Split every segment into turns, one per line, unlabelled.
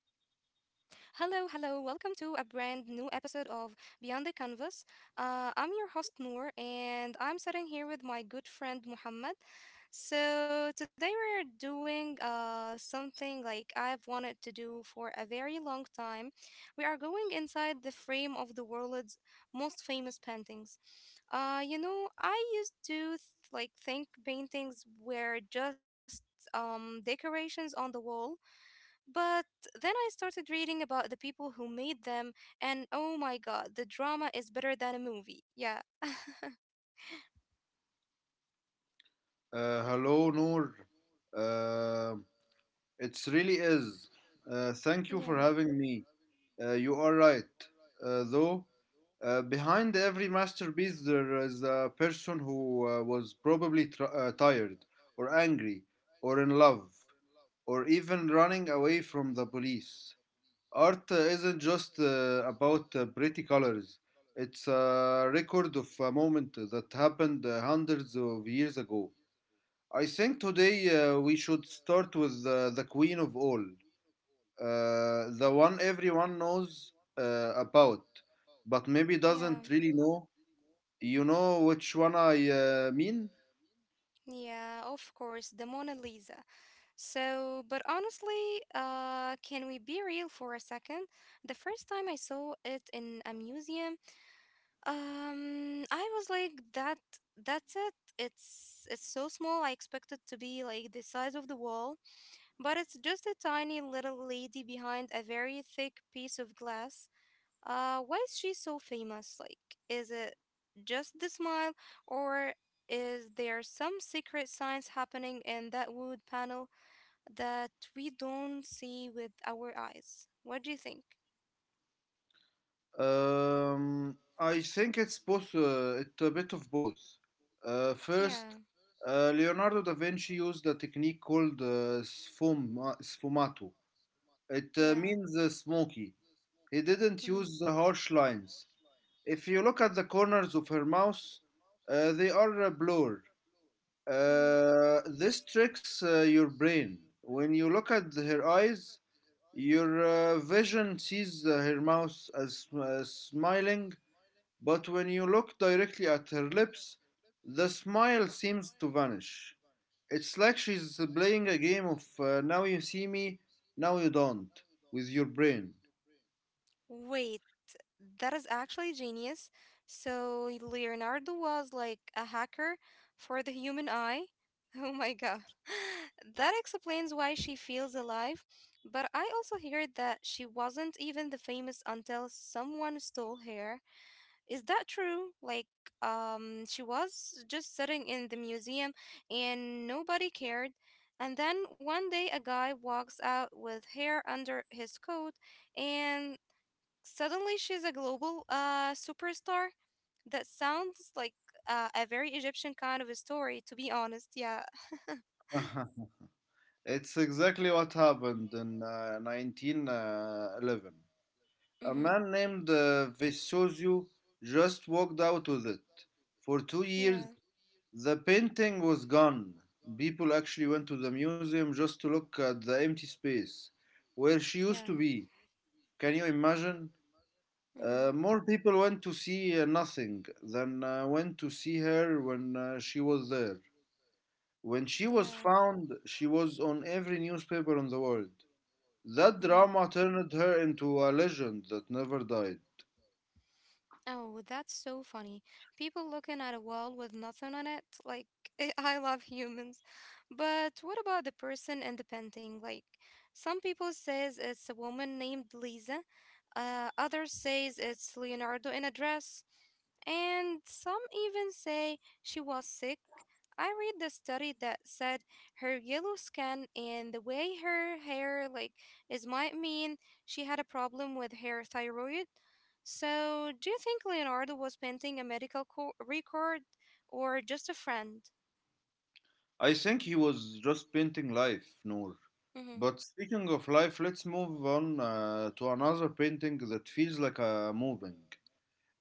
Hello, hello. Welcome to a brand new episode of Beyond the Canvas. I'm your host, Noor, and I'm sitting here with my good friend, Muhammad. So, today we're doing something I've wanted to do for a very long time. We are going inside the frame of the world's most famous paintings. You know, I used to th- like think paintings were just decorations on the wall but then I started reading about the people who made them, and oh my god, the drama is better than a movie. Yeah,
Hello, Noor. Uh, it really is. Thank you for
yeah,
having me. You are right. Though, behind every masterpiece, there is a person who was probably tired, or angry, or in love, or even running away from the police. Art isn't just about pretty colors. It's a record of a moment that happened hundreds of years ago. I think today we should start with the queen of all, the one everyone knows about, but maybe
yeah.
doesn't really know. You know which one I mean?
Yeah, of course, the Mona Lisa. So, but honestly, can we be real for a second? The first time I saw it in a museum, I was like, that's it. It's so small. I expected to be like the size of the wall, but it's just a tiny little lady behind a very thick piece of glass. Why is she so famous? Like, is it just the smile, or is there some secret science happening in that wood panel that we don't see with our eyes? What do you think?
I think it's both. It's a bit of both. First,
Yeah,
Leonardo da Vinci used a technique called sfumato. It
yeah.
means smoky. He didn't
Mm-hmm,
use the harsh lines. If you look at the corners of her mouth, they are blurred.
mm-hmm.
This tricks your brain. When you look at her eyes, your vision sees her mouth as smiling, but when you look directly at her lips, the smile seems to vanish. It's like she's playing a game of now you see me, now you don't, with your brain.
Wait. That is actually genius. So Leonardo was like a hacker for the human eye. Oh my god. That explains why she feels alive. But I also heard that she wasn't even the famous until someone stole her. Is that true? Like, she was just sitting in the museum and nobody cared. And then one day a guy walks out with hair under his coat and suddenly, she's a global superstar. That sounds like a very Egyptian kind of a story, to be honest. Yeah.
It's exactly what happened in 1911. A
Mm-hmm.
man named Vesuvio just walked out with it. For two
Yeah.
years, the painting was gone. People actually went to the museum just to look at the empty space where she
Yeah.
used to be. Can you imagine?
Mm-hmm.
More people went to see nothing than went to see her when she was there. When she was
Yeah.
found, she was on every newspaper in the world. That
Mm-hmm.
drama turned her into a legend that never died.
Oh, that's so funny. People looking at a wall with nothing on it. Like, I love humans. But what about the person in the painting? Like, some people says it's a woman named Lisa. Others says it's Leonardo in a dress. And some even say she was sick. I read the study that said her yellow skin and the way her hair is might mean she had a problem with her thyroid. So, do you think Leonardo was painting record or just a friend?
I think he was just painting life, Noor.
Mm-hmm,
But speaking of life, let's move on to another painting that feels like a moving.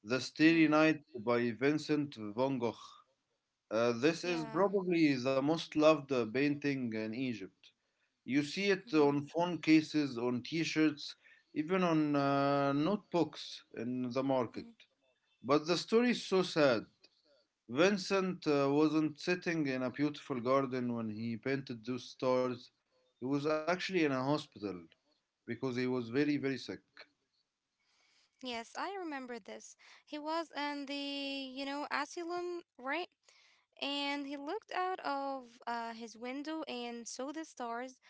The Starry
mm-hmm,
Night by Vincent van Gogh. This is
yeah.
probably the most loved painting in Egypt. You see it
Mm-hmm,
on phone cases, on t shirts, even on notebooks in the
mm-hmm.
market. But the story is so sad. Vincent wasn't sitting in a beautiful garden when he painted those stars. He was actually in a hospital because he was very, very sick.
Yes, I remember this. He was in the, you know, asylum, right? And he looked out of his window and saw the stars.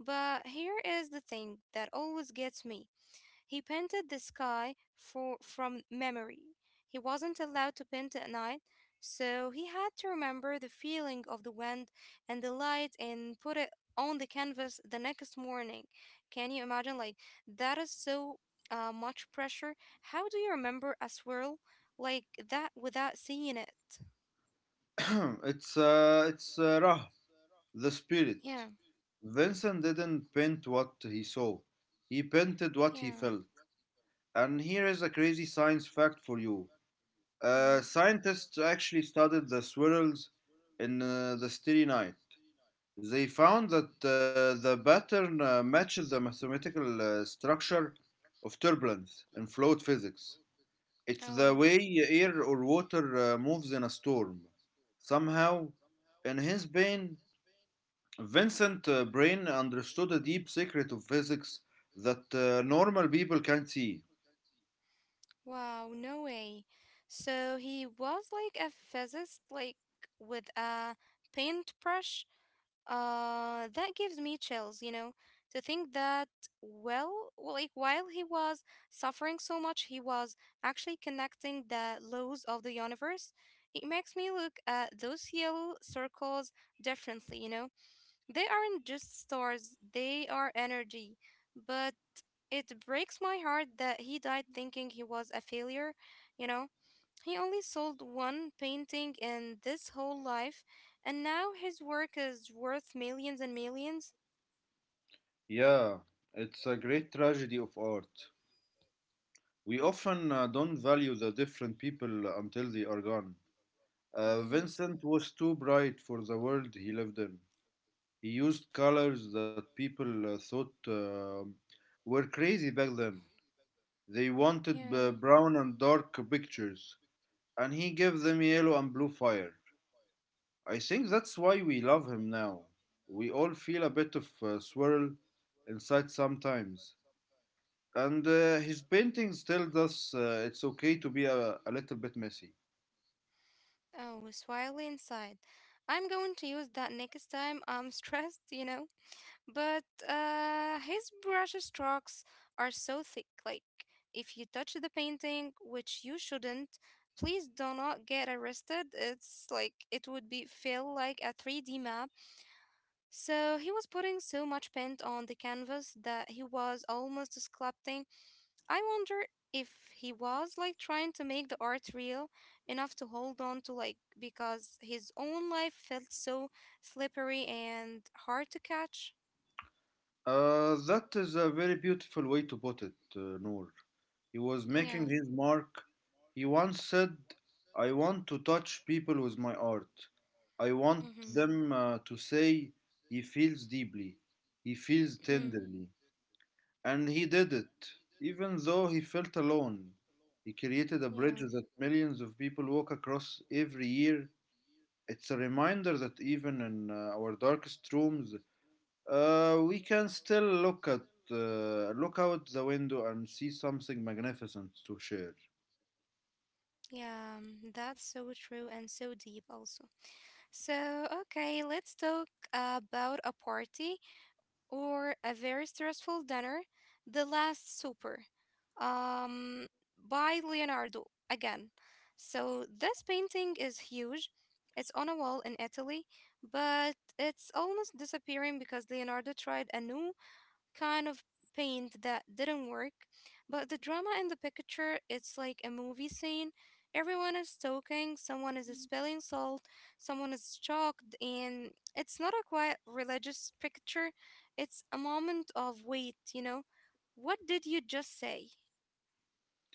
But here is the thing that always gets me. He painted the sky from memory. He wasn't allowed to paint at night, so he had to remember the feeling of the wind and the light and put it on the canvas the next morning. Can you imagine? Like, that is so much pressure. How do you remember a swirl like that without seeing it?
It's Ra, the spirit.
Yeah,
Vincent didn't paint what he saw. He painted what he
yeah.
felt. And here is a crazy science fact for you.
Mm-hmm.
Scientists actually studied the swirls in the Starry Night. They found that the pattern matches the mathematical structure of turbulence in fluid physics. It's the
Oh.
way air or water moves in a storm. Somehow, in his brain, Vincent Brain understood a deep secret of physics that normal people can't see.
Wow, no way. So he was like a physicist, like with a paintbrush. That gives me chills, you know, to think that, well, like while he was suffering so much, he was actually connecting the laws of the universe. It makes me look at those yellow circles differently, you know. They aren't just stars, they are energy. But it breaks my heart that he died thinking he was a failure, you know? He only sold one painting in this whole life, and now his work is worth millions and 1000000s.
Yeah, it's a great tragedy of art. We often don't value the different people until they are gone.
Hmm.
Vincent was too bright for the world he lived in. He used colors that people thought were crazy back then. They wanted
Yeah.
brown and dark pictures, and he gave them yellow and blue fire. I think that's why we love him now. We all feel a bit of swirl inside sometimes. And his painting tells us it's okay to be a little bit messy.
Oh, swirly inside. I'm going to use that next time I'm stressed, you know? But his brush strokes are so thick. Like, if you touch the painting, which you shouldn't, please do not get arrested. It's like it would be feel like a 3D map. So he was putting so much paint on the canvas that he was almost sculpting. I wonder if he was like trying to make the art real enough to hold on to like because his own life felt so slippery and hard to catch.
That is a very beautiful way to put it, Noor. He was
Yeah.
making his mark. He once said, "I want to touch people with my art. I want
Mm-hmm.
them to say he feels deeply, he feels
Mhm.
tenderly." And he did it, even though he felt alone. He created a
Yeah,
bridge that millions of people walk across every year. It's a reminder that even in our darkest rooms, we can still look out the window and see something magnificent to share.
yeah, mm, that's so true and so deep, also. So, okay, let's talk about a party or a very stressful dinner, The Last Supper, um, by Leonardo again. So, this painting is huge. It's on a wall in Italy, but it's almost disappearing because Leonardo tried a new kind of paint that didn't work. But the drama in the picture, it's like a movie scene. Everyone is talking, someone is spelling salt, someone is shocked, and it's not a quiet religious picture. It's a moment of wait, you know? What did you just say?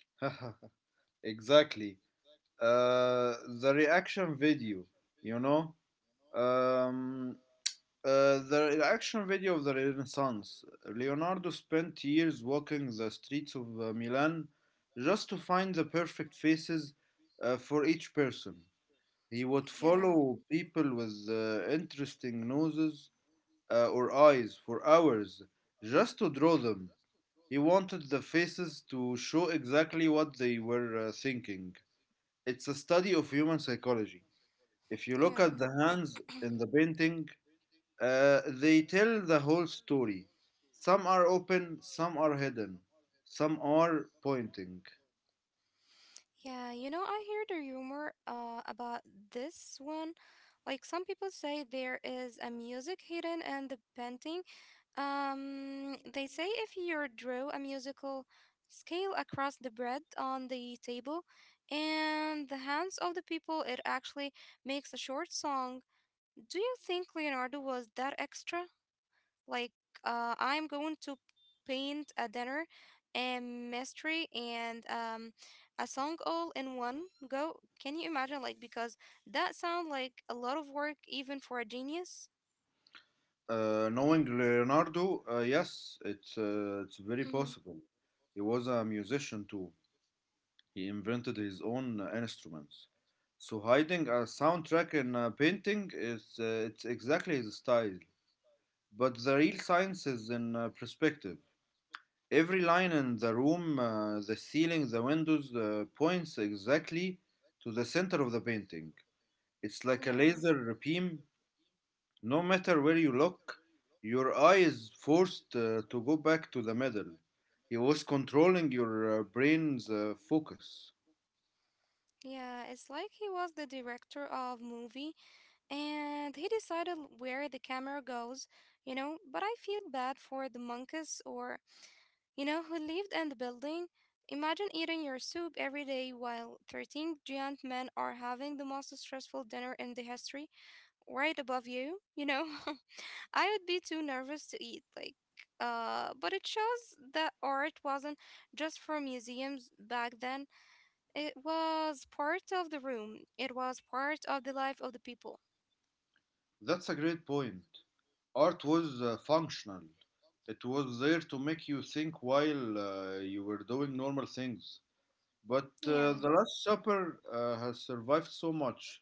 Exactly. Uh, the reaction you know, um, video of the Renaissance. Leonardo spent years walking the streets of Milan just to find the perfect faces for each person. He would
Yeah,
follow people with interesting noses or eyes for hours just to draw them. He wanted the faces to show exactly what they were thinking. It's a study of human psychology. If you look
yeah.
at the hands in the painting, they tell the whole story. Some are open, some are hidden, some are pointing.
Yeah, you know, I heard a rumor about this one. Like some people say there is a music hidden in the painting. They say if you draw a musical scale across the bread on the table and the hands of the people, it actually makes a short song. Do you think Leonardo was that extra? Like, I'm going to paint a dinner, a mystery, and a song all in one go. Can you imagine? Like, because that sounds like a lot of work, even for a genius.
Knowing Leonardo, yes, it's very
Hmm.
possible. He was a musician too. He invented his own instruments. So hiding a soundtrack in a painting is it's exactly his style. But the real science is in perspective. Every line in the room, the ceiling, the windows, points exactly to the center of the painting. It's like a
Yeah,
laser beam. No matter where you look, your eye is forced to go back to the middle. He was controlling your brain's focus.
yeah, it's like he was the director of movie and he decided where the camera goes, you know. But I feel bad for the monkeys or, you know, who lived in the building. Imagine eating your soup every day while 13 giant men are having the most stressful dinner in the history right above you, you know. I would be too nervous to eat, like, but it shows that art wasn't just for museums back then. It was part of the room. It was part of the life of the people.
That's a great point. Art was functional. It was there to make you think while you were doing normal things. But
Yeah.
The Last Supper has survived so much.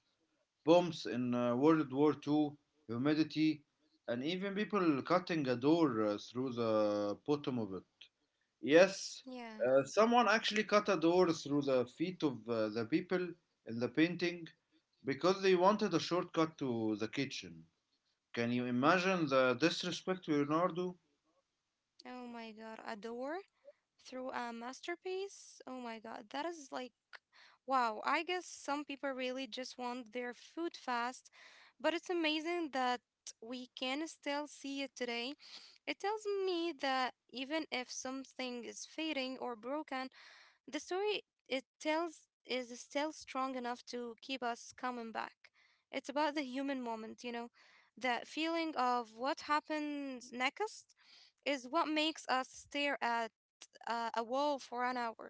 Bombs in World War II, humidity, and even people cutting a door through the bottom of it. Yes,
Yeah.
someone actually cut a door through the feet of the people in the painting because they wanted a shortcut to the kitchen. Can you imagine the disrespect to Leonardo?
Oh my God, a door through a masterpiece? Oh my God, that is like, wow. I guess some people really just want their food fast, but it's amazing that we can still see it today. It tells me that even if something is fading or broken, the story it tells is still strong enough to keep us coming back. It's about the human moment, you know, that feeling of what happens next is what makes us stare at a wall for an hour.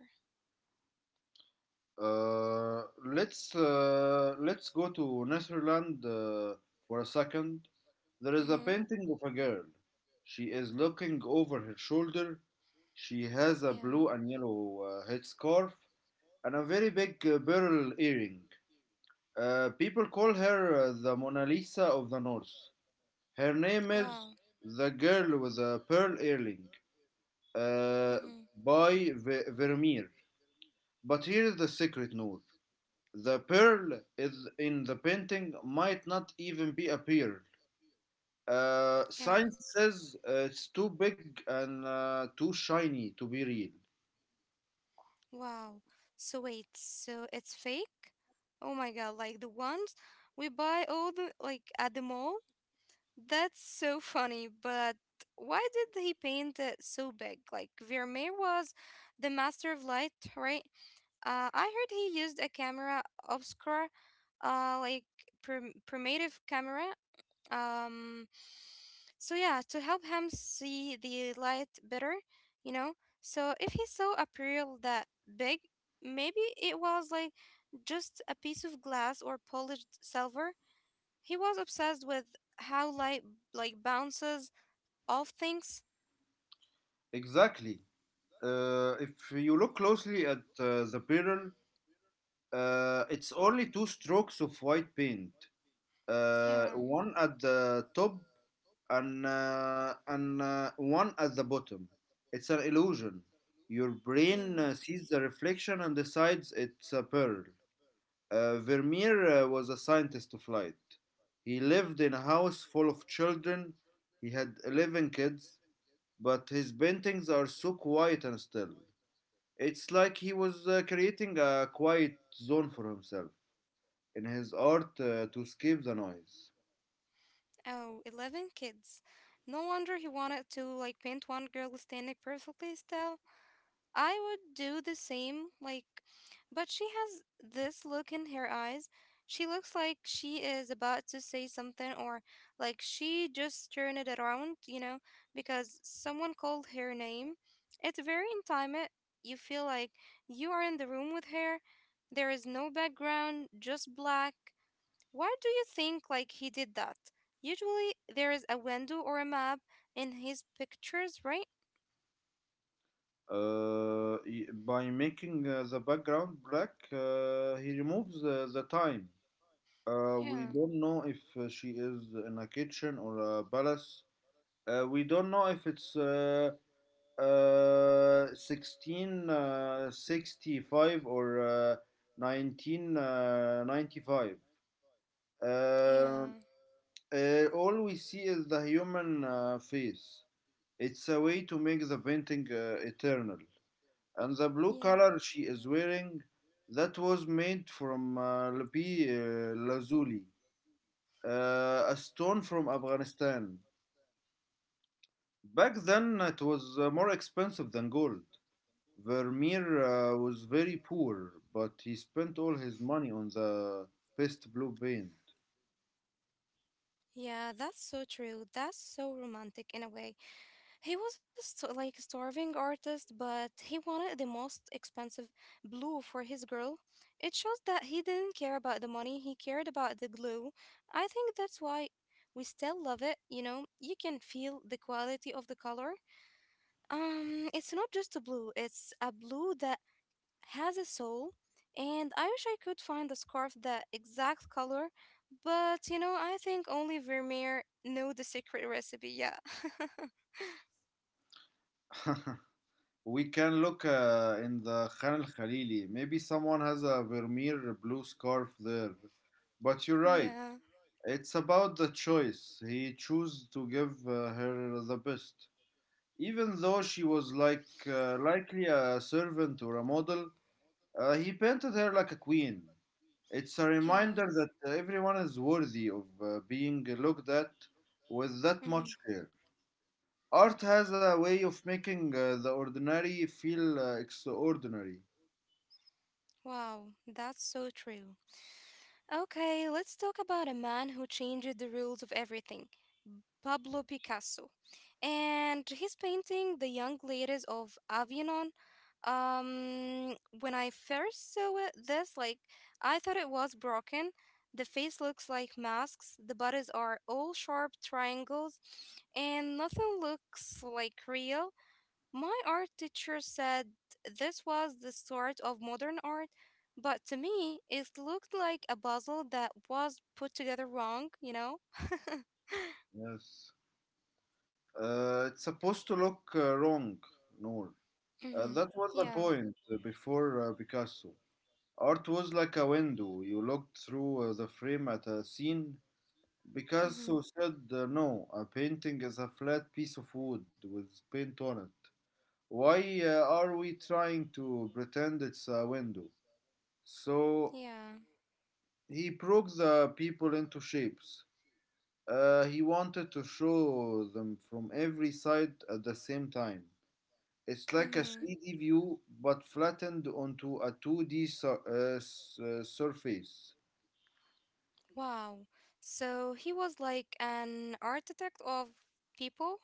Let's go to Netherlands for a second. There is a
Mm-hmm.
painting of a girl. She is looking over her shoulder. She has a
Yeah.
blue and yellow headscarf and a very big beryl earring. People call her the Mona Lisa of the North. Her name
Wow.
is the Girl with a Pearl Earring uh,
Mm-hmm.
by Vermeer. But here's the secret, Noor. The pearl is in the painting might not even be a pearl.
Yeah.
Science says it's too big and too shiny to be real.
Wow. So wait, so it's fake? Oh my god, like the ones we buy all the like at the mall? That's so funny, but why did he paint it so big? Like Vermeer was the master of light, right? I heard he used a camera obscura, like primitive camera. Um, so yeah, to help him see the light better, you know. So if he saw a pearl that big, maybe it was like just a piece of glass or polished silver. He was obsessed with how light like bounces off things.
Exactly. If you look closely at the pearl, it's only two strokes of white paint.
Yeah,
One at the top and one at the bottom. It's an illusion. Your
yeah.
brain sees the reflection and decides it's a pearl. Vermeer was a scientist of light. He lived in a house full of children. He had 11 kids, but his paintings are so quiet and still. It's like he was creating a quiet zone for himself in his art to escape the noise.
Oh, 11 kids. No wonder he wanted to like paint one girl standing perfectly still. I would do the same, like, but she has this look in her eyes. She looks like she is about to say something, or like she just turned it around, you know, because someone called her name. It's very intimate. You feel like you are in the room with her. There is no background, just black. Why do you think like he did that? Usually there is a window or a map in his pictures, right?
By making the background black, he removes the time. We
Yeah.
don't know if she is in a kitchen or a palace. We don't know if it's 1665 or 1995. Uh, uh,
Yeah.
all we see is the human face. It's a way to make the painting eternal, and the blue
Yeah.
color she is wearing, that was made from lapi lazuli, a stone from Afghanistan. Back then, it was more expensive than gold. Vermeer was very poor, but he spent all his money on the best blue paint.
Yeah, that's so true. That's so romantic in a way. He was a like starving artist, but he wanted the most expensive blue for his girl. It shows that he didn't care about the money, he cared about the glue. I think that's why we still love it, you know? You can feel the quality of the color. It's not just a blue, it's a blue that has a soul, and I wish I could find a scarf that exact color, but you know, I think only Vermeer know the secret recipe. Yeah.
We can look in the Khan al Khalili. Maybe someone has a Vermeer blue scarf there. But you're right.
Yeah.
It's about the choice. He chose to give her the best. Even though she was likely a servant or a model, he painted her like a queen. It's a
Yeah.
reminder that everyone is worthy of being looked at with that
Hmm.
much care. Art has a way of making the ordinary feel extraordinary.
Wow, that's so true. Okay, let's talk about a man who changed the rules of everything. Pablo Picasso, and his painting "The Young Ladies of Avignon." Um, when I first saw it, this, like, I thought it was broken. The face looks like masks. The bodies are all sharp triangles, and nothing looks like real. My art teacher said this was the start of modern art, but to me, it looked like a puzzle that was put together wrong. You know.
Yes. It's supposed to look wrong, Noor.
Mm-hmm.
That was the
Yeah.
point before Picasso. Art was like a window. You looked through the frame at a scene.
Mm-hmm.
Picasso said, "No, a painting is a flat piece of wood with paint on it. Why are we trying to pretend it's a window?" So
Yeah.
he broke the people into shapes. He wanted to show them from every side at the same time. It's like a
Mm-hmm.
3D view but flattened onto a 2D surface.
Wow. So he was like an architect of people.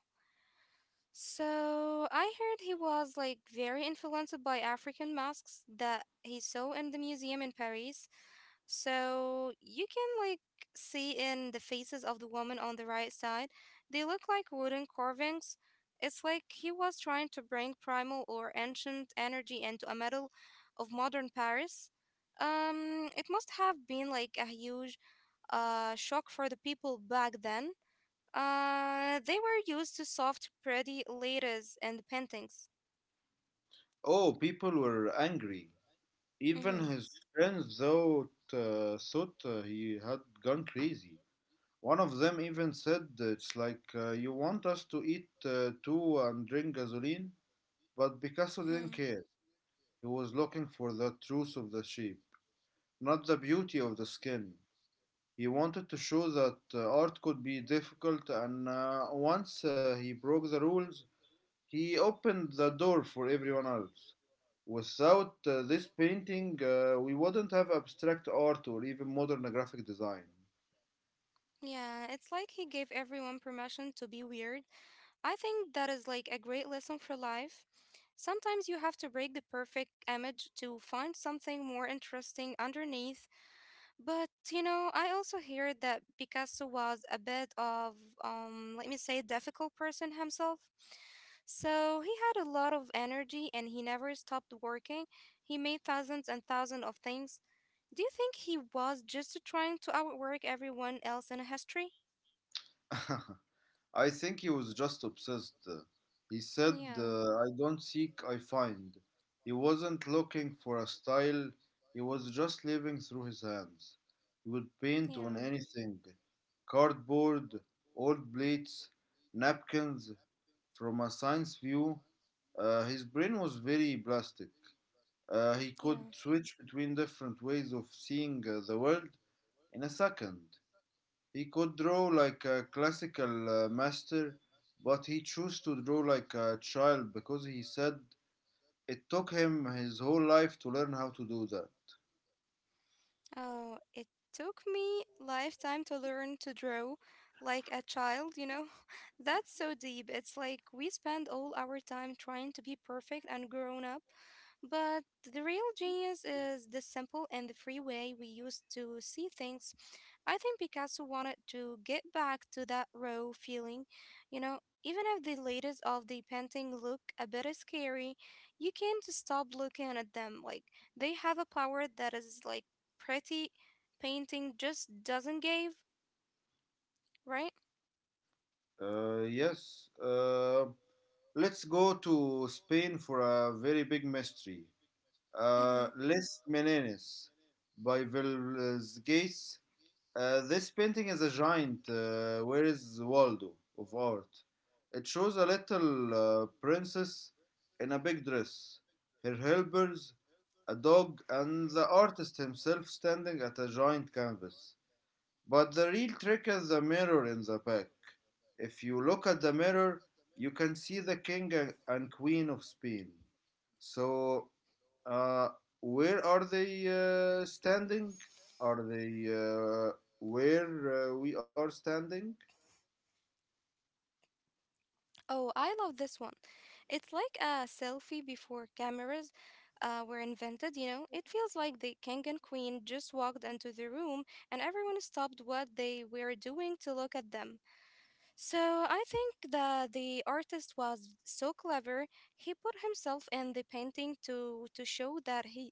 So I heard he was like very influenced by African masks that he saw in the museum in Paris. So you can like see in the faces of the woman on the right side, they look like wooden carvings. It's like he was trying to bring primal or ancient energy into a metal of modern Paris. It must have been like a huge shock for the people back then. They were used to soft, pretty letters and paintings.
Oh, people were angry. Even
Mm-hmm.
his friends thought he had gone crazy. One of them even said, "It's like you want us to eat too and drink gasoline?" But Picasso
Mm-hmm.
didn't care. He was looking for the truth of the shape, not the beauty of the skin. He wanted to show that art could be difficult, and once he broke the rules, he opened the door for everyone else. Without this painting, we wouldn't have abstract art or even modern graphic design.
Yeah, it's like he gave everyone permission to be weird. I think that is like a great lesson for life. Sometimes you have to break the perfect image to find something more interesting underneath. But you know, I also hear that Picasso was a bit of, let me say, difficult person himself. So he had a lot of energy and he never stopped working. He made thousands and thousands of things. Do you think he was just trying to outwork everyone else in history?
I think he was just obsessed. He said,
Yeah,
"I don't seek, I find." He wasn't looking for a style, he was just living through his hands. He would paint
yeah.
on anything: cardboard, old plates, napkins. From a science view, his brain was very plastic. He could
Yeah.
switch between different ways of seeing the world in a second. He could draw like a classical master, but he chose to draw like a child because he said it took him his whole life to learn how to do that.
Oh, it took me lifetime to learn to draw like a child, you know? That's so deep. It's like we spend all our time trying to be perfect and grown up, but the real genius is the simple and the free way we used to see things. I think Picasso wanted to get back to that raw feeling, you know? Even if the latest of the painting look a bit scary, you can't stop looking at them. Like they have a power that is like pretty painting just doesn't give, right?
Uh, yes, uh, let's go to Spain for a very big mystery.
Mm-hmm.
Les Meneses by Velázquez. This painting is a giant. Where is Waldo of art? It shows a little princess in a big dress, her helpers, a dog, and the artist himself standing at a giant canvas. But the real trick is the mirror in the back. If you look at the mirror, you can see the king and queen of Spain. So, uh, where are they standing? Are they where we are standing?
Oh, I love this one. It's like a selfie before cameras were invented, you know? It feels like the king and queen just walked into the room and everyone stopped what they were doing to look at them. So I think that the artist was so clever. He put himself in the painting to show that he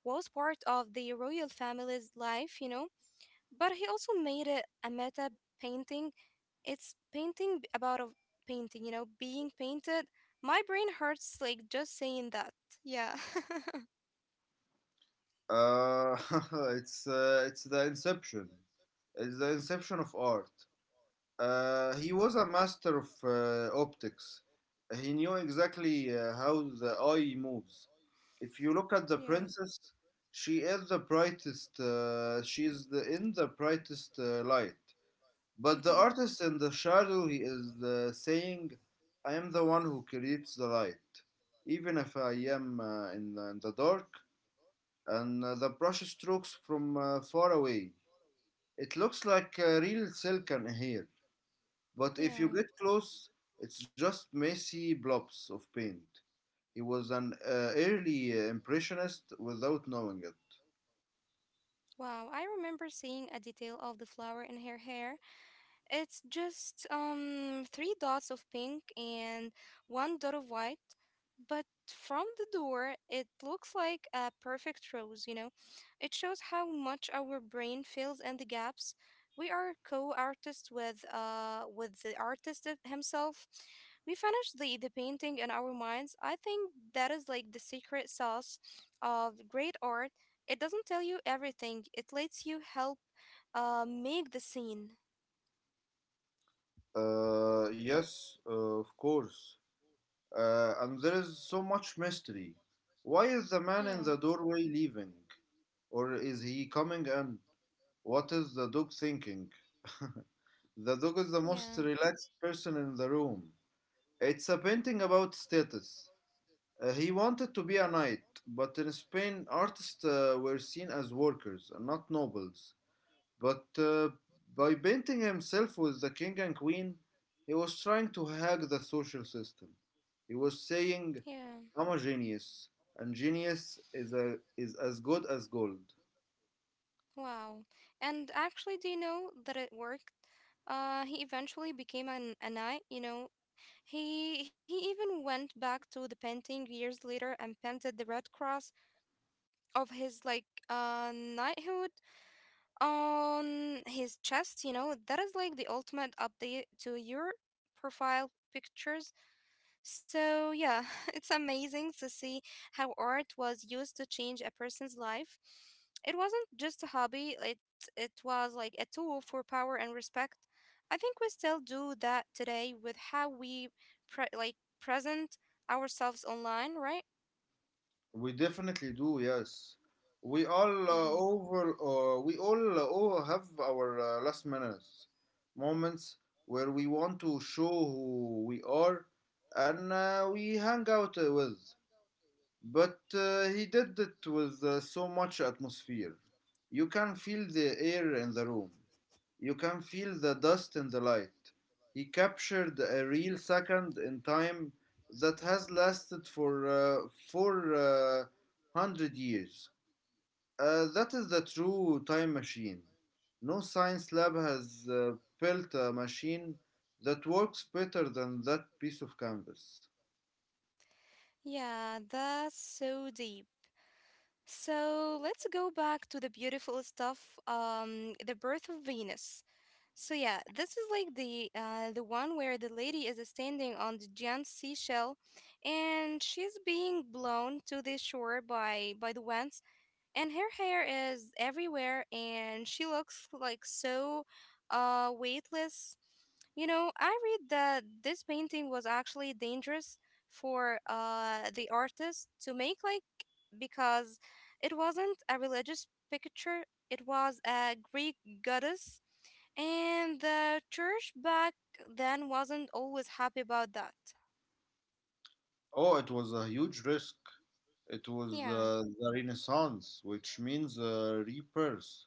was part of the royal family's life, you know? But he also made it a meta painting. It's painting about a painting, you know, being painted. My brain hurts like just saying that. Yeah.
Uh, it's the inception. It's the inception of art. He was a master of optics. He knew exactly how the eye moves. If you look at the
Yeah.
princess, she is the brightest. She is in the brightest light. But the
Mm-hmm.
artist in the shadow, he is saying, "I am the one who creates the light, even if I am in the dark." And the brush strokes from far away, it looks like real silk and hair. But if you
Yeah.
get close, it's just messy blobs of paint. He was an early impressionist without knowing it.
Wow. I remember seeing a detail of the flower in her hair. It's just three dots of pink and one dot of white, but from the door it looks like a perfect rose, you know. It shows how much our brain fills in the gaps. We are co-artists with the artist himself. We finished the painting in our minds. I think that is like the secret sauce of great art. It doesn't tell you everything. It lets you help make the scene.
Yes, of course. And there is so much mystery. Why is the man
Yeah.
in the doorway leaving? Or is he coming in? What is the dog thinking? The dog is the most
Yeah.
relaxed person in the room. It's a painting about status. He wanted to be a knight, but in Spain, artists were seen as workers, and not nobles. But by painting himself with the king and queen, he was trying to hack the social system. He was saying,
Yeah.
I'm a genius, and genius is as good as gold.
Wow. And actually, do you know that it worked? He eventually became a knight, you know. He even went back to the painting years later and painted the red cross of his like knighthood on his chest, you know. That is like the ultimate update to your profile pictures. So, yeah, it's amazing to see how art was used to change a person's life. It wasn't just a hobby, it was like a tool for power and respect. I think we still do that today with how we pre- like present ourselves online, right?
We definitely do, yes. We all
Hmm.
over, we all have our last minutes moments where we want to show who we are and we hang out with. But he did it with so much atmosphere. You can feel the air in the room. You can feel the dust in the light. He captured a real second in time that has lasted for 400 years. That is the true time machine. No science lab has built a machine that works better than that piece of canvas.
Yeah, that's so deep. So let's go back to the beautiful stuff, the birth of Venus. So yeah, this is like the one where the lady is standing on the giant seashell, and she's being blown to the shore by the winds and her hair is everywhere and she looks like so weightless. You know, I read that this painting was actually dangerous for the artist to make, like, because it wasn't a religious picture, it was a Greek goddess, and the church back then wasn't always happy about that.
Oh, it was a huge risk. It was
Yeah.
the Renaissance, which means rebirth.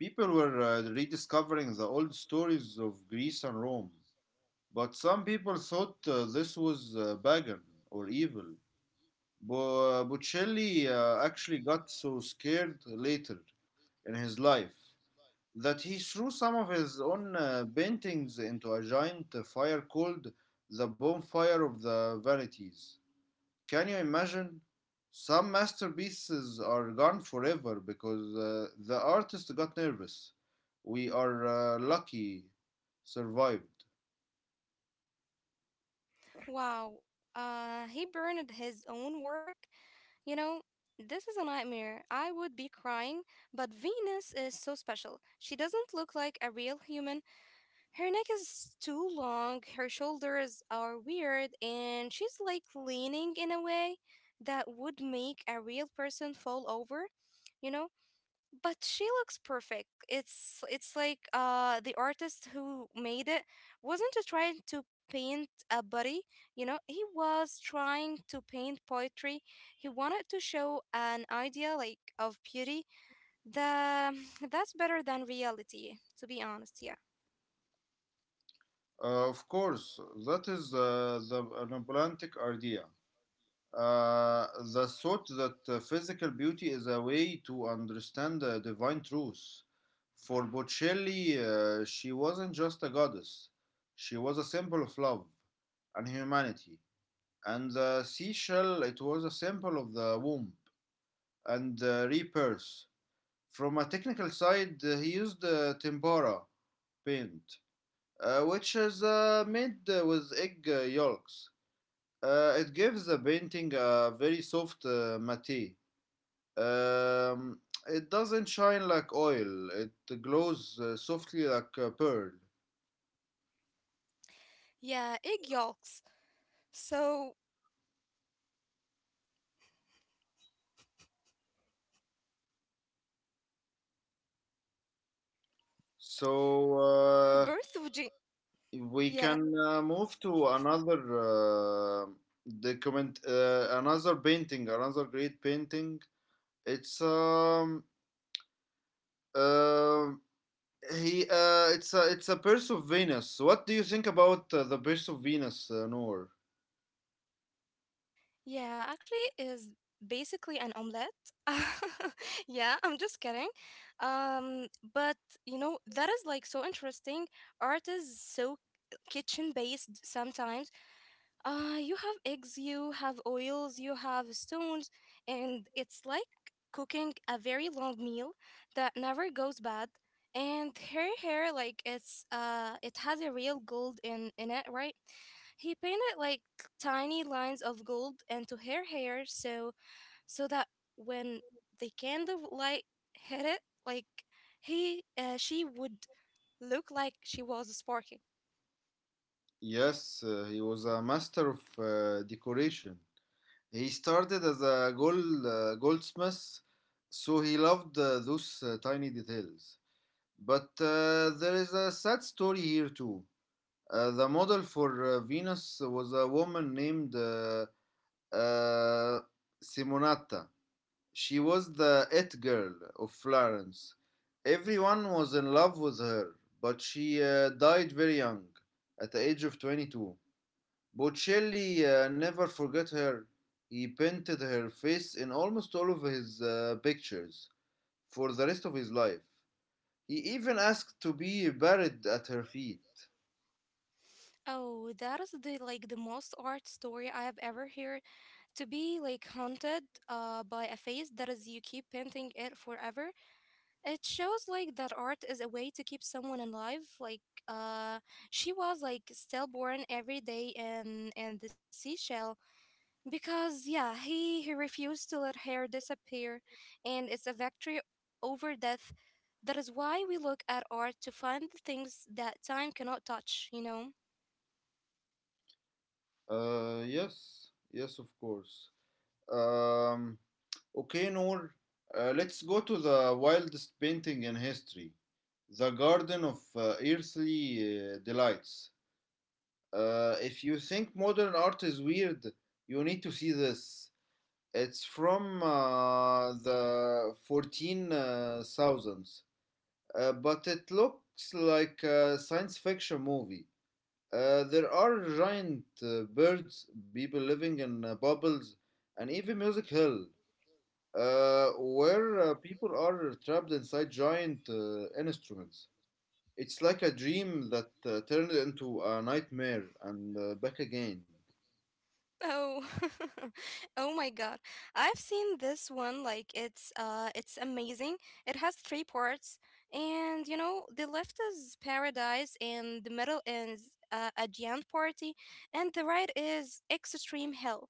People were rediscovering the old stories of Greece and Rome, but some people thought this was pagan or evil. Bocelli actually got so scared later in his life that he threw some of his own paintings into a giant fire called the Bonfire of the Vanities. Can you imagine? Some masterpieces are gone forever because the artist got nervous. We are lucky survived.
Wow, he burned his own work. You know, this is a nightmare. I would be crying, but Venus is so special. She doesn't look like a real human. Her neck is too long, her shoulders are weird, and she's like leaning in a way that would make a real person fall over. You know, but she looks perfect. It's like the artist who made it wasn't just trying to paint a body, you know, he was trying to paint poetry. He wanted to show an idea like of beauty that that's better than reality, to be honest, yeah.
Of course, that is the romantic idea. Uh, the thought that physical beauty is a way to understand the divine truth. For Botticelli, she wasn't just a goddess, she was a symbol of love and humanity. And the seashell, it was a symbol of the womb and the rebirth. From a technical side, he used tempera paint, which is made with egg yolks. It gives the painting a very soft matte. um, it doesn't shine like oil; it glows softly like a pearl.
Yeah, egg yolks. So
So
birth of G,
we
yeah.
can move to another the comment another painting, another great painting. it's um uh, it's a it's a Purse of Venus. What do you think about the Purse of Venus, Noor?
Yeah, actually is basically an omelette. Yeah, I'm just kidding. Um, but you know, that is like so interesting. Art is so kitchen based sometimes. You have eggs, you have oils, you have stones, and it's like cooking a very long meal that never goes bad. And her hair, like it's it has a real gold in it, right? He painted like tiny lines of gold into her hair, so so that when the candle light hit it, like he she would look like she was sparking.
Yes, he was a master of decoration. He started as a goldsmith, so he loved those tiny details. But there is a sad story here too. The model for Venus was a woman named uh, Simonata. She was the it girl of Florence. Everyone was in love with her, but she died very young, at the age of 22. Botticelli never forgot her. He painted her face in almost all of his pictures for the rest of his life. He even asked to be buried at her feet.
Oh, that is the like the most art story I have ever heard. To be like haunted by a face that is you keep painting it forever. It shows like that art is a way to keep someone alive. Like uh she was like stillborn every day in the seashell, because yeah, he refused to let her disappear and it's a victory over death. That is why we look at art to find the things that time cannot touch, you know?
Yes, of course. Um, okay, Noor, let's go to the wildest painting in history: the Garden of Earthly Delights. If you think modern art is weird, you need to see this. It's from the 14,000s, but it looks like a science fiction movie. There are giant birds, people living in bubbles, and even Music Hill, where people are trapped inside giant instruments. It's like a dream that turned into a nightmare and back again.
Oh, oh my God. I've seen this one, like it's amazing. It has three parts and you know the left is paradise and the middle is a giant party and the right is extreme hell.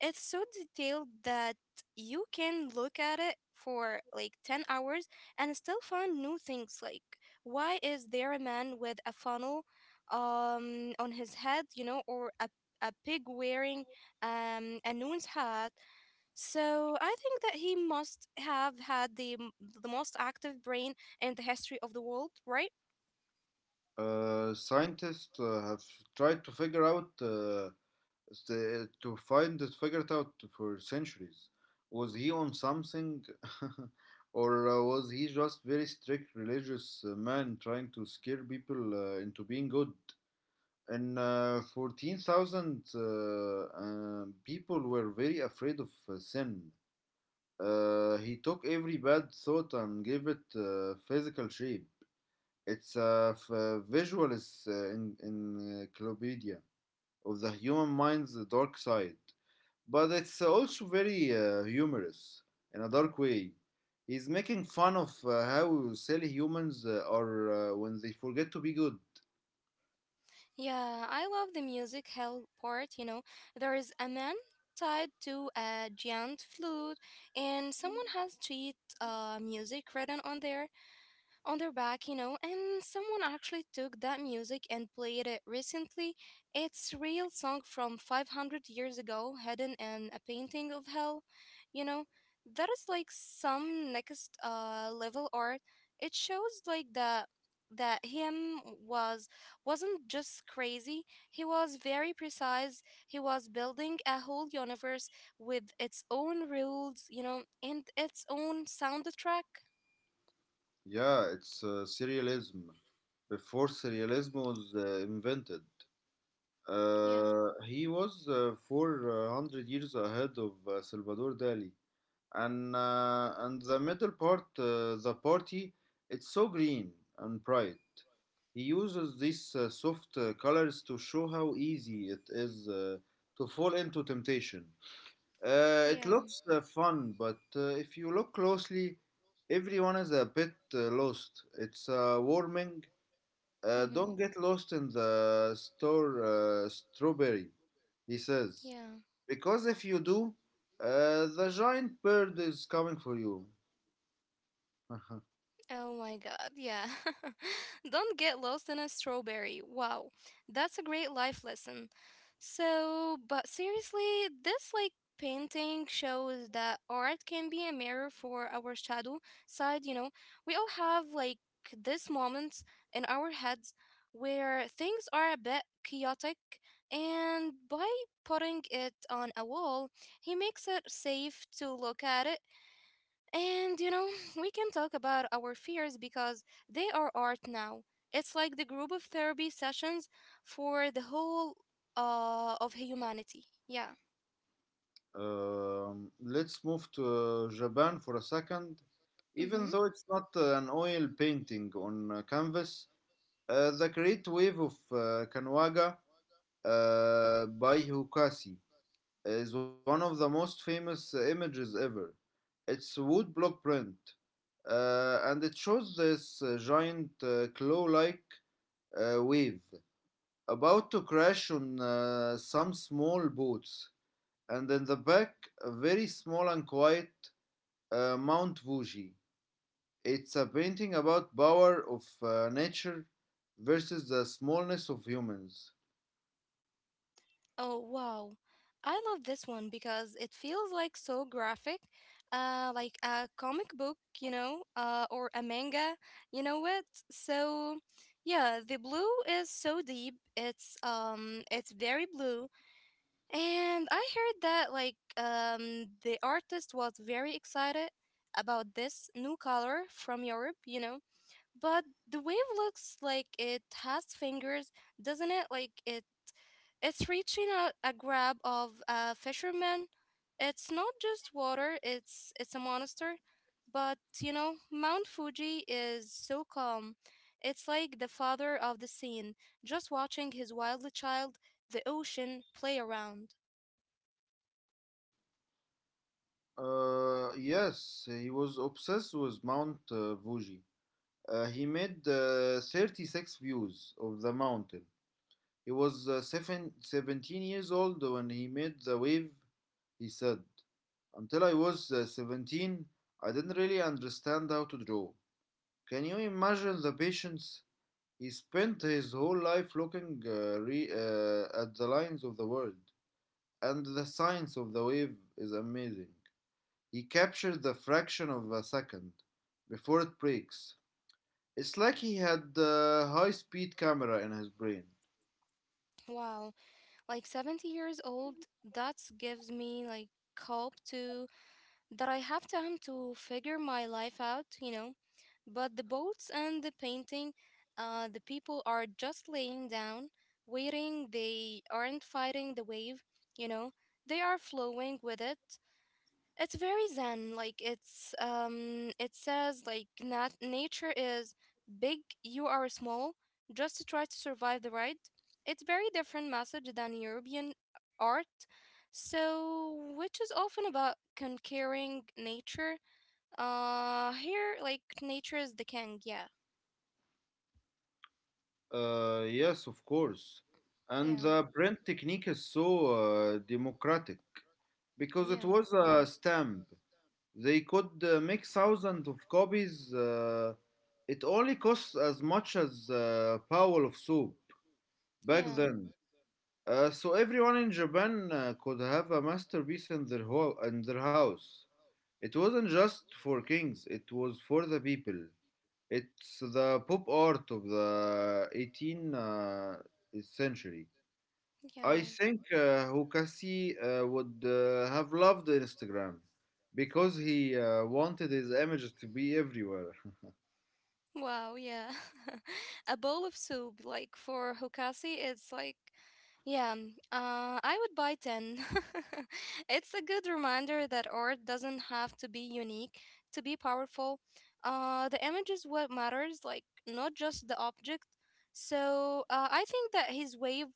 It's so detailed that you can look at it for like 10 hours and still find new things, like why is there a man with a funnel on his head, you know, or a pig wearing a nun's hat. So I think that he must have had the most active brain in the history of the world, right?
Scientists have tried to figure out the, to find it figured out for centuries. Was he on something, or was he just very strict religious man trying to scare people into being good? And 14,000, people were very afraid of sin. He took every bad thought and gave it physical shape. It's a visual encyclopedia of the human mind's dark side, but it's also very humorous in a dark way. He's making fun of how silly humans are when they forget to be good.
Yeah, I love the music hell part, you know. There is a man tied to a giant flute and someone has sheet music written on there on their back, you know, and someone actually took that music and played it recently. It's real song from 500 years ago, hidden in a painting of hell, you know. That is like some next level art. It shows like that that him was wasn't just crazy. He was very precise. He was building a whole universe with its own rules, you know, and its own soundtrack.
Yeah, it's serialism. Before serialism was invented,
Yeah,
he was 400 years ahead of Salvador Dali. And the middle part, the party, it's so green and bright. He uses these soft colors to show how easy it is to fall into temptation. It
yeah.
looks fun, but if you look closely, everyone is a bit lost. It's warming. Don't
Mm-hmm.
get lost in the store strawberry, he says.
Yeah.
Because if you do, the giant bird is coming for you.
Oh my god, yeah. Don't get lost in a strawberry. Wow. That's a great life lesson. So, but seriously, this like painting shows that art can be a mirror for our shadow side, you know. We all have like this moments in our heads where things are a bit chaotic and by putting it on a wall, he makes it safe to look at it. And you know, we can talk about our fears because they are art now. It's like the group of therapy sessions for the whole of humanity. Yeah.
Let's move to Japan for a second.
Mm-hmm.
Even though it's not an oil painting on canvas, the great wave of Kanwaga by Hukasi is one of the most famous images ever. It's a wood block print, and it shows this giant claw-like wave about to crash on some small boats, and in the back, a very small and quiet Mount Fuji. It's a painting about power of nature versus the smallness of humans.
Oh, wow. I love this one because it feels like so graphic, like a comic book, you know, or a manga, you know what? So, yeah, the blue is so deep. It's very blue. And I heard that like the artist was very excited about this new color from Europe, you know. But the wave looks like it has fingers, doesn't it? Like it it's reaching a grab of a fisherman. It's not just water, it's a monster. But you know, Mount Fuji is so calm. It's like the father of the scene, just watching his wild child, the ocean, play around.
Yes, he was obsessed with Mount Fuji. He made 36 views of the mountain. 17 old when he made the wave, he said. Until I was 17, I didn't really understand how to draw. Can you imagine the patience? He spent his whole life looking at the lines of the world, and the science of the wave is amazing. He captured the fraction of a second before it breaks. It's like he had the high speed camera in his brain.
Wow, like 70 years old, that gives me like hope to that I have time to figure my life out, you know. But the boats and the painting, the people are just laying down, waiting. They aren't fighting the wave, you know. They are flowing with it. It's very zen. Like it's it says like nature is big, you are small. Just to try to survive the ride. It's very different message than European art. So which is often about conquering nature. Here like nature is the king. Yeah.
Yes, of course. And
Yeah.
the print technique is so democratic because it
Yeah.
was a stamp. They could make thousands of copies. It only costs as much as a pail of soap back
Yeah.
then. So everyone in Japan could have a masterpiece in their in their house. It wasn't just for kings, it was for the people. It's the pop art of the 18th century. I
Yeah.
think Hukasi would have loved Instagram because he wanted his images to be everywhere.
Wow, yeah. A bowl of soup, like for Hokasi, it's like, yeah, I would buy 10. It's a good reminder that art doesn't have to be unique to be powerful. The image is what matters, like, not just the object. So, I think that his wave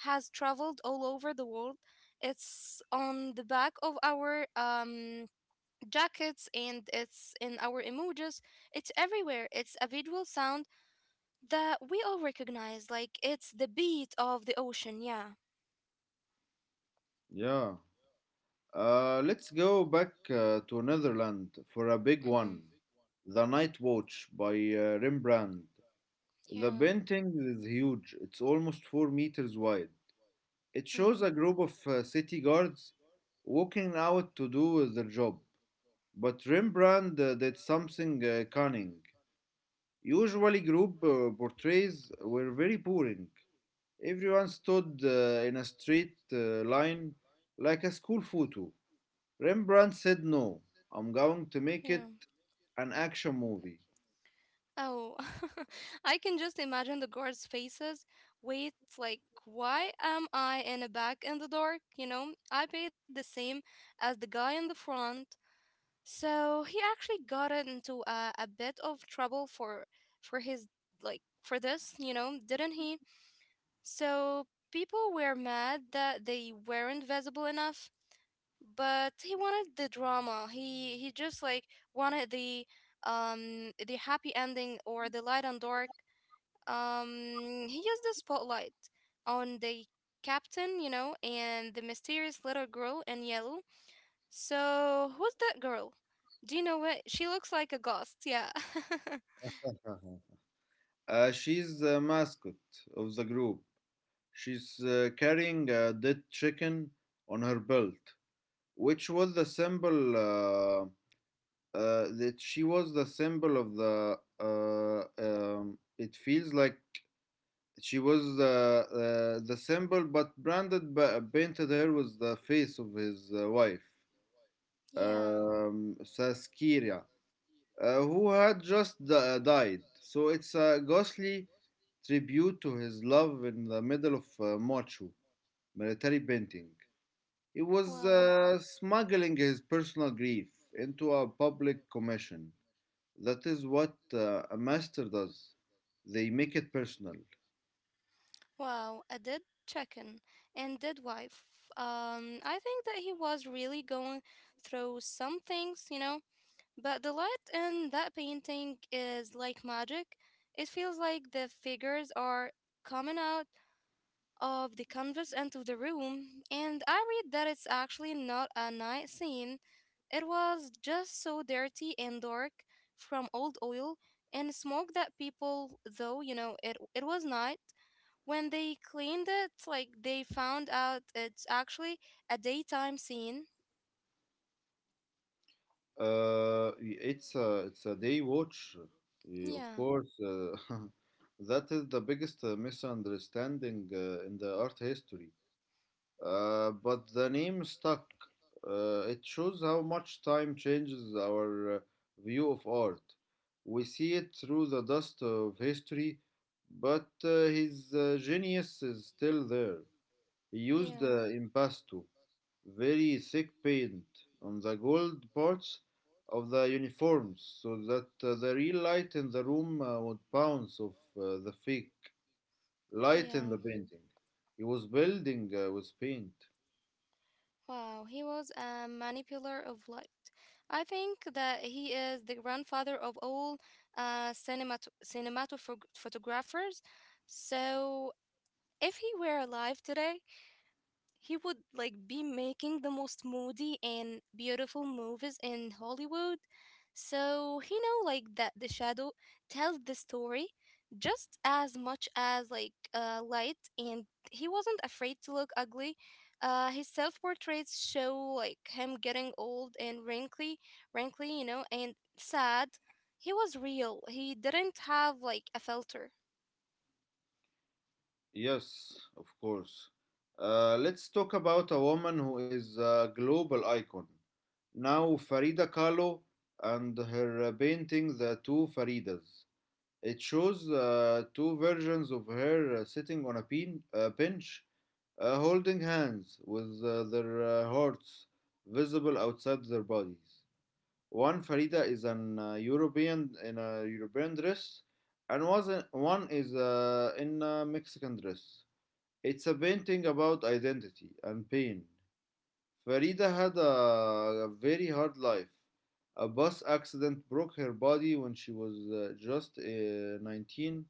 has traveled all over the world. It's on the back of our jackets and it's in our emojis. It's everywhere. It's a visual sound that we all recognize. Like it's the beat of the ocean. Yeah.
Yeah. Let's go back to Netherlands for a big
Mm-hmm.
one. The Night Watch by Rembrandt. The
Yeah.
painting is huge. It's almost 4 meters wide. It shows
Mm-hmm.
a group of city guards walking out to do their job. But Rembrandt did something cunning. Usually, group portraits were very boring. Everyone stood in a straight line like a school photo. Rembrandt said, no, I'm going to
Yeah.
make it an action movie.
Oh, I can just imagine the guards' faces. Wait, like, why am I in the back in the dark? You know, I paid the same as the guy in the front. So he actually got into a bit of trouble for his like for this, didn't he? So people were mad that they weren't visible enough, but he wanted the drama. He just like wanted the happy ending or the light and dark. He used the spotlight on the captain, you know, and the mysterious little girl in yellow, so who's that girl? Do you know what, she looks like a ghost. Yeah.
She's the mascot of the group. She's carrying a dead chicken on her belt. Which was the symbol that she was the symbol of the it feels like she was the symbol but painted her with the face of his wife,
Yeah.
Saskia, who had just died, so it's a ghostly tribute to his love in the middle of Machu military painting. He was
Wow.
smuggling his personal grief into a public commission. That is what a master does. They make it personal.
Wow, a dead chicken and dead wife. I think that he was really going through some things, you know. But the light in that painting is like magic. It feels like the figures are coming out of the canvas into the room, and I read that it's actually not a night scene. It was just so dirty and dark from old oil and smoke that people, though, you know, it was night, when they cleaned it, like they found out it's actually a daytime scene.
It's a day watch, of
Yeah,
course. That is the biggest misunderstanding in the art history. But the name stuck. It shows how much time changes our view of art. We see it through the dust of history, but his genius is still there. He used
yeah,
impasto, very thick paint, on the gold parts of the uniforms so that the real light in the room would bounce off the fake light in the
yeah.
painting. He was building with paint.
Wow, he was a manipulator of light. I think that he is the grandfather of all cinematographers. So, if he were alive today, he would like be making the most moody and beautiful movies in Hollywood. So he know like that the shadow tells the story just as much as like light, and he wasn't afraid to look ugly. His self portraits show like him getting old and wrinkly, and sad. He was real. He didn't have like a filter.
Yes, of course. Let's talk about a woman who is a global icon. Now, Farida Kahlo and her painting, The Two Faridas. It shows two versions of her sitting on a pin, bench, holding hands with their hearts visible outside their bodies. One Farida is an European in a European dress, and was one is in a Mexican dress. It's a painting about identity and pain. Farida had a very hard life. A bus accident broke her body when she was just 19,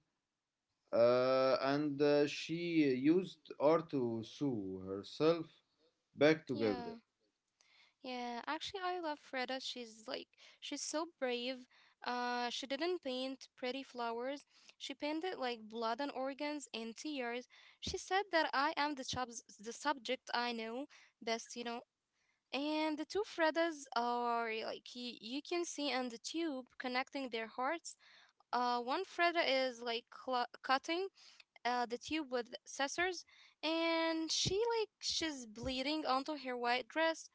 and she used art to sew herself back together.
Yeah. Yeah, actually, I love Freda. She's so brave. She didn't paint pretty flowers. She painted like blood and organs and tears. She said that I am the subject I know best, you know. And the two Fredas are like you can see on the tube connecting their hearts. One Freda is like cutting the tube with scissors, and she like she's bleeding onto her white dress.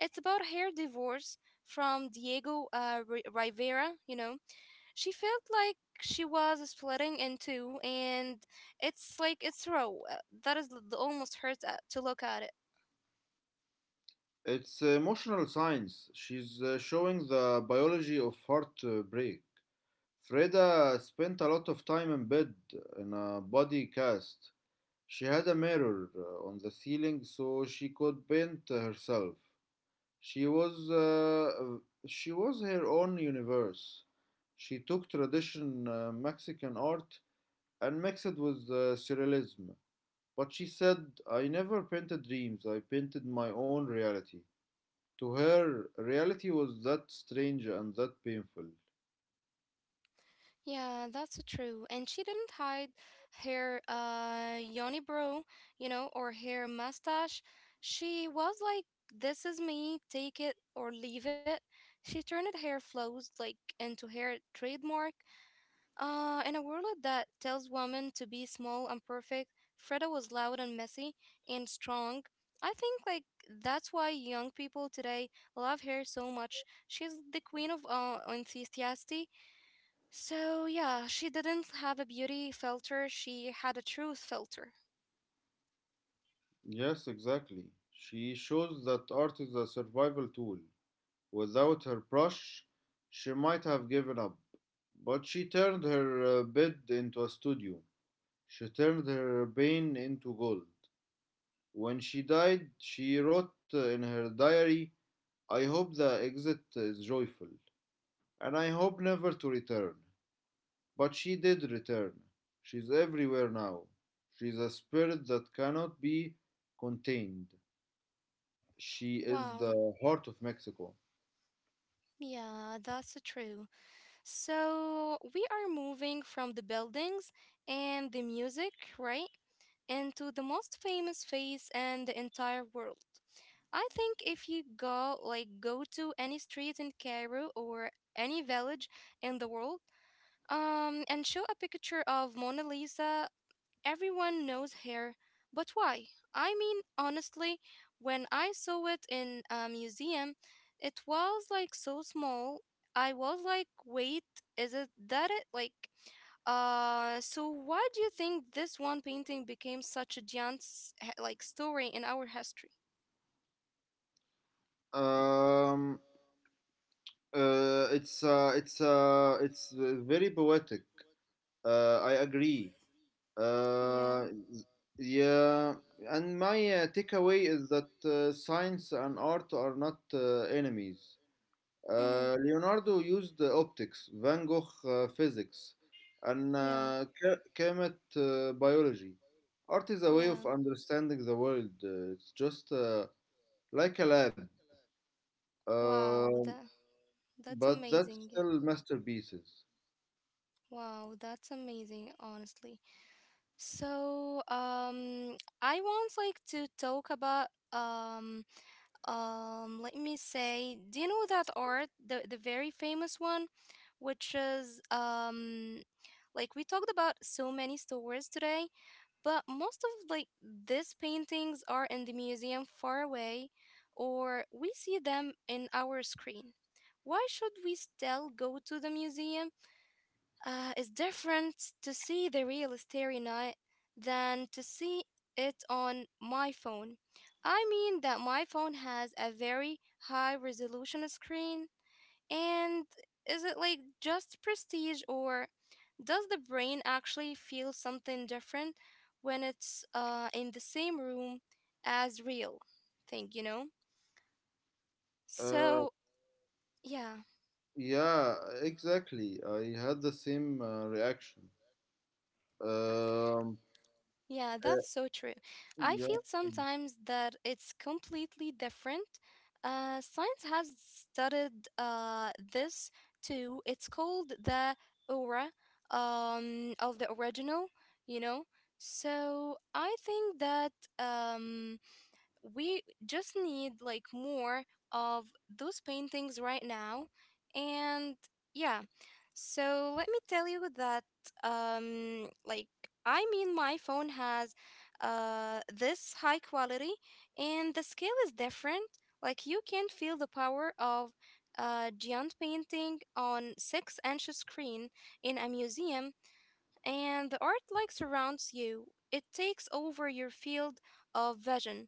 It's about her divorce from Diego Rivera. You know, she felt like she was splitting in two, and it's raw. That is the almost hurts to look at it.
It's emotional science. She's showing the biology of heartbreak. Freda spent a lot of time in bed in a body cast. She had a mirror on the ceiling so she could paint herself. She was uh, she was her own universe. She took tradition Mexican art and mixed it with surrealism. But she said, "I never painted dreams. I painted my own reality." To her, reality was that strange and that painful.
Yeah, that's true. And she didn't hide her yoni bro, you know, or her mustache. She was like, "This is me. Take it or leave it." She turned her flaws like into her trademark. In a world that tells women to be small and perfect, Freda was loud and messy and strong. I think like that's why young people today love her so much. She's the queen of enthusiasm, so yeah, she didn't have a beauty filter, she had a truth filter.
Yes, exactly. She shows that art is a survival tool. Without her brush, she might have given up. But she turned her bed into a studio. She turned her pain into gold. When she died, she wrote in her diary, I hope the exit is joyful, and I hope never to return. But she did return. She's everywhere now. She's a spirit that cannot be contained. She is
Wow.
the heart of Mexico.
Yeah, that's true. So, we are moving from the buildings and the music, right? Into the most famous face in the entire world. I think if you go to any street in Cairo or any village in the world, and show a picture of Mona Lisa, everyone knows hair, but why? I mean, honestly, when I saw it in a museum, it was like so small. I was like, wait, is it that it? Like, so why do you think this one painting became such a giant, like, story in our history?
Um, it's very poetic. I agree.
Yeah.
Uh, yeah, and my takeaway is that science and art are not enemies.
Mm-hmm.
Leonardo used optics, Van Gogh physics, and
Yeah.
Kemet biology. Art is a way of
Yeah.
understanding the world. It's just like a lab,
Wow.
uh,
That that's
but that's
amazing.
still masterpieces.
Wow, that's amazing, honestly. So, I want like to talk about let me say, do you know that art, the very famous one, which is like, we talked about so many stores today, but most of like these paintings are in the museum far away or we see them in our screen. Why should we still go to the museum? Uh, it's different to see the real Starry Night than to see it on my phone. I mean that my phone has a very high resolution screen. And is it like just prestige, or does the brain actually feel something different when it's in the same room as real thing, you know?
Uh,
So, yeah.
Yeah, exactly. I had the same reaction. Um,
Yeah,
uh,
that's so true. I
yeah,
feel sometimes that it's completely different. Science has studied this too. It's called the aura of the original, you know? So I think that. Um, we just need like more of those paintings right now. And yeah, so let me tell you that like, I mean my phone has this high quality, and the scale is different. Like, you can feel the power of a giant painting on 6-inch screen in a museum, and the art like surrounds you, it takes over your field of vision.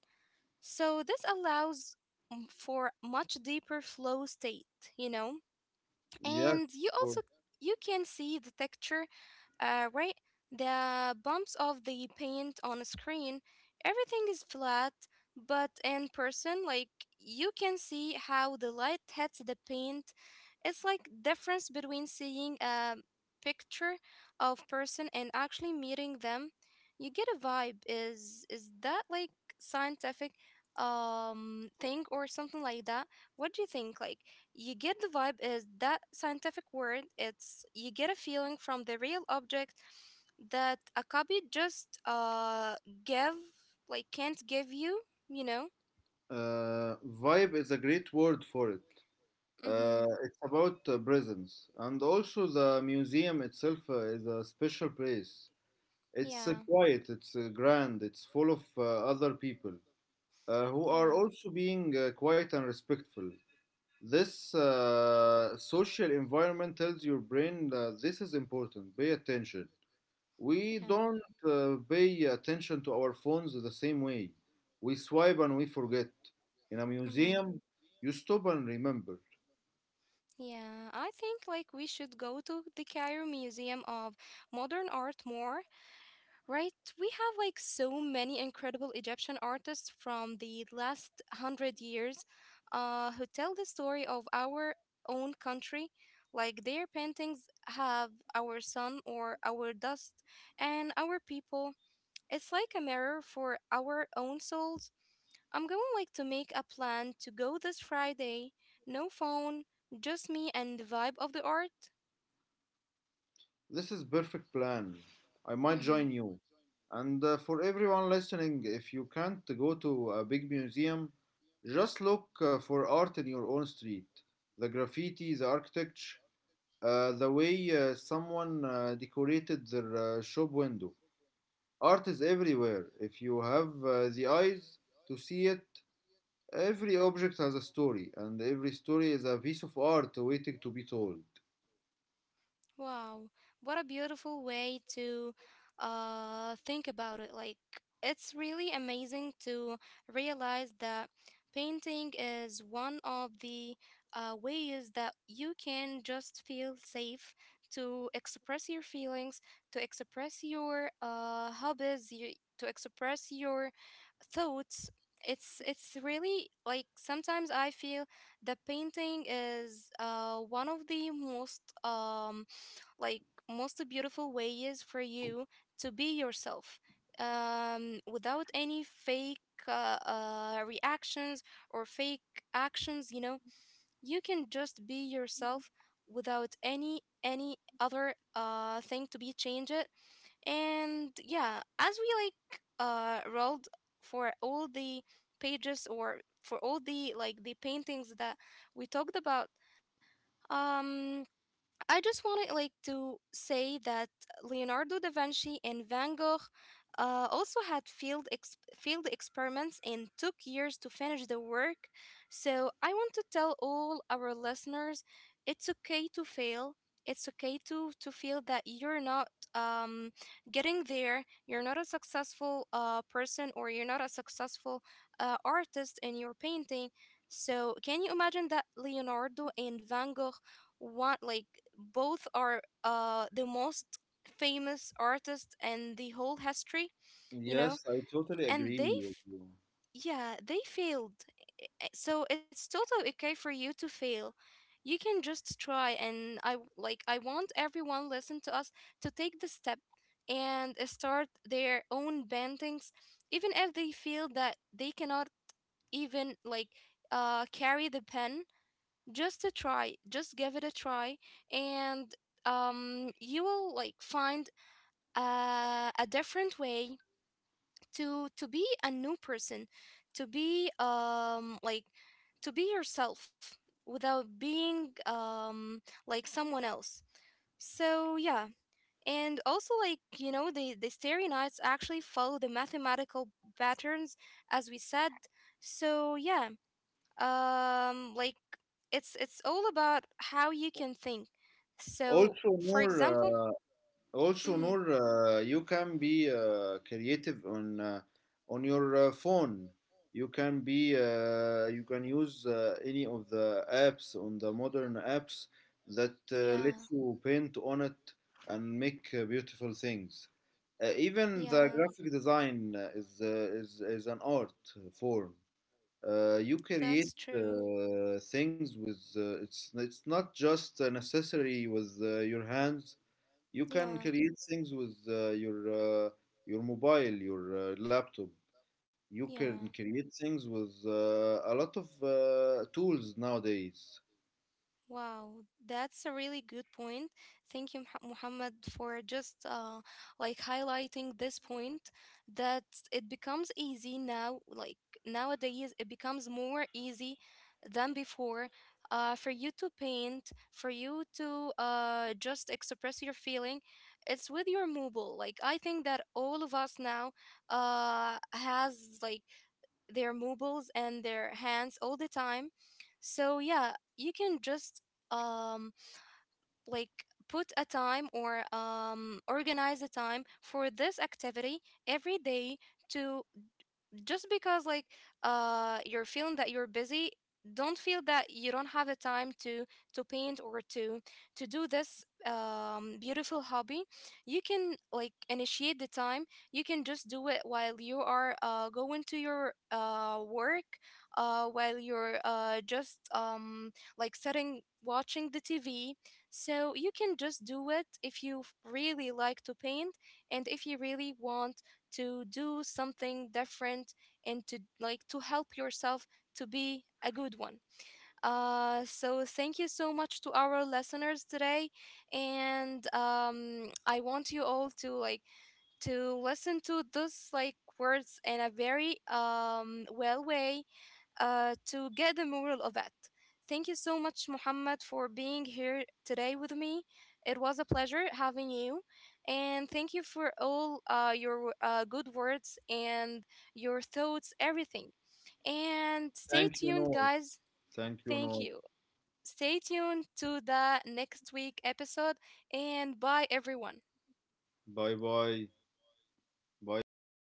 So this allows for much deeper flow state, you know? And
yes.
you also
for-
you can see the texture, right? The bumps of the paint on a screen, everything is flat, but in person, like you can see how the light hits the paint. It's like difference between seeing a picture of person and actually meeting them. You get a vibe. Is that like scientific thing or something like that? What do you think? Like, you get the vibe, is that scientific word, it's you get a feeling from the real object that a copy just give like can't give you, you know.
Vibe is a great word for it.
Mm-hmm.
It's about presence, and also the museum itself is a special place. It's
Yeah.
quiet, it's grand, it's full of other people who are
Yeah.
also being quiet and respectful. This social environment tells your brain that this is important. Pay attention, we
Yeah.
don't pay attention to our phones the same way. We swipe and we forget. In a
Mm-hmm.
museum, you stop and remember.
Yeah, I think like we should go to the Cairo Museum of Modern Art more. Right? We have like so many incredible Egyptian artists from the last 100 years who tell the story of our own country. Like their paintings have our sun or our dust and our people. It's like a mirror for our own souls. I'm going like to make a plan to go this Friday. No phone, just me and the vibe of the art.
This is perfect plan. I might join
Mm-hmm.
you. And for everyone listening, if you can't go to a big museum, just look for art in your own street. The graffiti, the architecture, the way someone decorated their shop window. Art is everywhere. If you have the eyes to see it, every object has a story, and every story is a piece of art waiting to be told.
Wow, what a beautiful way to think about it. Like, it's really amazing to realize that painting is one of the ways that you can just feel safe to express your feelings, to express your hobbies, y to express your thoughts. It's really like sometimes I feel that painting is one of the most like most beautiful way is for you to be yourself without any fake reactions or fake actions, you know. You can just be yourself without any other thing to be changed it. And yeah, as we like rolled for all the pages or for all the like the paintings that we talked about, um I just wanted like to say that Leonardo da Vinci and Van Gogh also had field experiments and took years to finish the work. So I want to tell all our listeners, it's okay to fail. It's okay to feel that you're not um, getting there. You're not a successful person, or you're not a successful artist in your painting. So, can you imagine that Leonardo and Van Gogh one like both are the most famous artist in the whole history, you know,
Yes, I totally
and
agree
they
with
f-
you.
yeah they failed. So it's totally okay for you to fail. You can just try, and like I want everyone listen to us to take the step and start their own paintings, even if they feel that they cannot even like carry the pen. Just a try, just give it a try. And you will like find a different way to be a new person, to be like to be yourself without being like someone else. So yeah. And also like, you know, the starry nights actually follow the mathematical patterns, as we said. So yeah, like, it's all about how you can think. So
Also,
for
more
example.
also
mhm,
Noor, you can be creative on your phone. You can use any of the apps on the modern apps that
yeah,
lets you paint on it and make beautiful things. Even the
yeah,
graphic design is an art form. You create
that's true,
things with, it's not just necessary with your hands, you can
yeah,
create things with your mobile, your laptop. You can
yeah.
create things with a lot of tools nowadays.
Wow, that's a really good point. Thank you, Muhammad, for just like highlighting this point, that it becomes easy now, like nowadays, it becomes more easy than before for you to paint, for you to just express your feeling. It's with your mobile. Like I think that all of us now has like their mobiles and their hands all the time. So yeah, you can just um like put a time or organize a time for this activity every day, to just because like you're feeling that you're busy, don't feel that you don't have a time to paint or to do this beautiful hobby. You can like initiate the time. You can just do it while you are going to your work, while you're just like sitting watching the tv. So you can just do it if you really like to paint and if you really want to do something different and to like to help yourself to be a good one. So thank you so much to our listeners today, and I want you all to like to listen to those like words in a very well way to get the moral of it. Thank you so much, Muhammad, for being here today with me. It was a pleasure having you. And thank you for all your good words and your thoughts, everything. And stay
Thank you,
tuned,
Noor.
guys.
Thank you,
Thank
Noor.
you. Stay tuned to the next week episode. And bye, everyone.
Bye bye. Bye bye.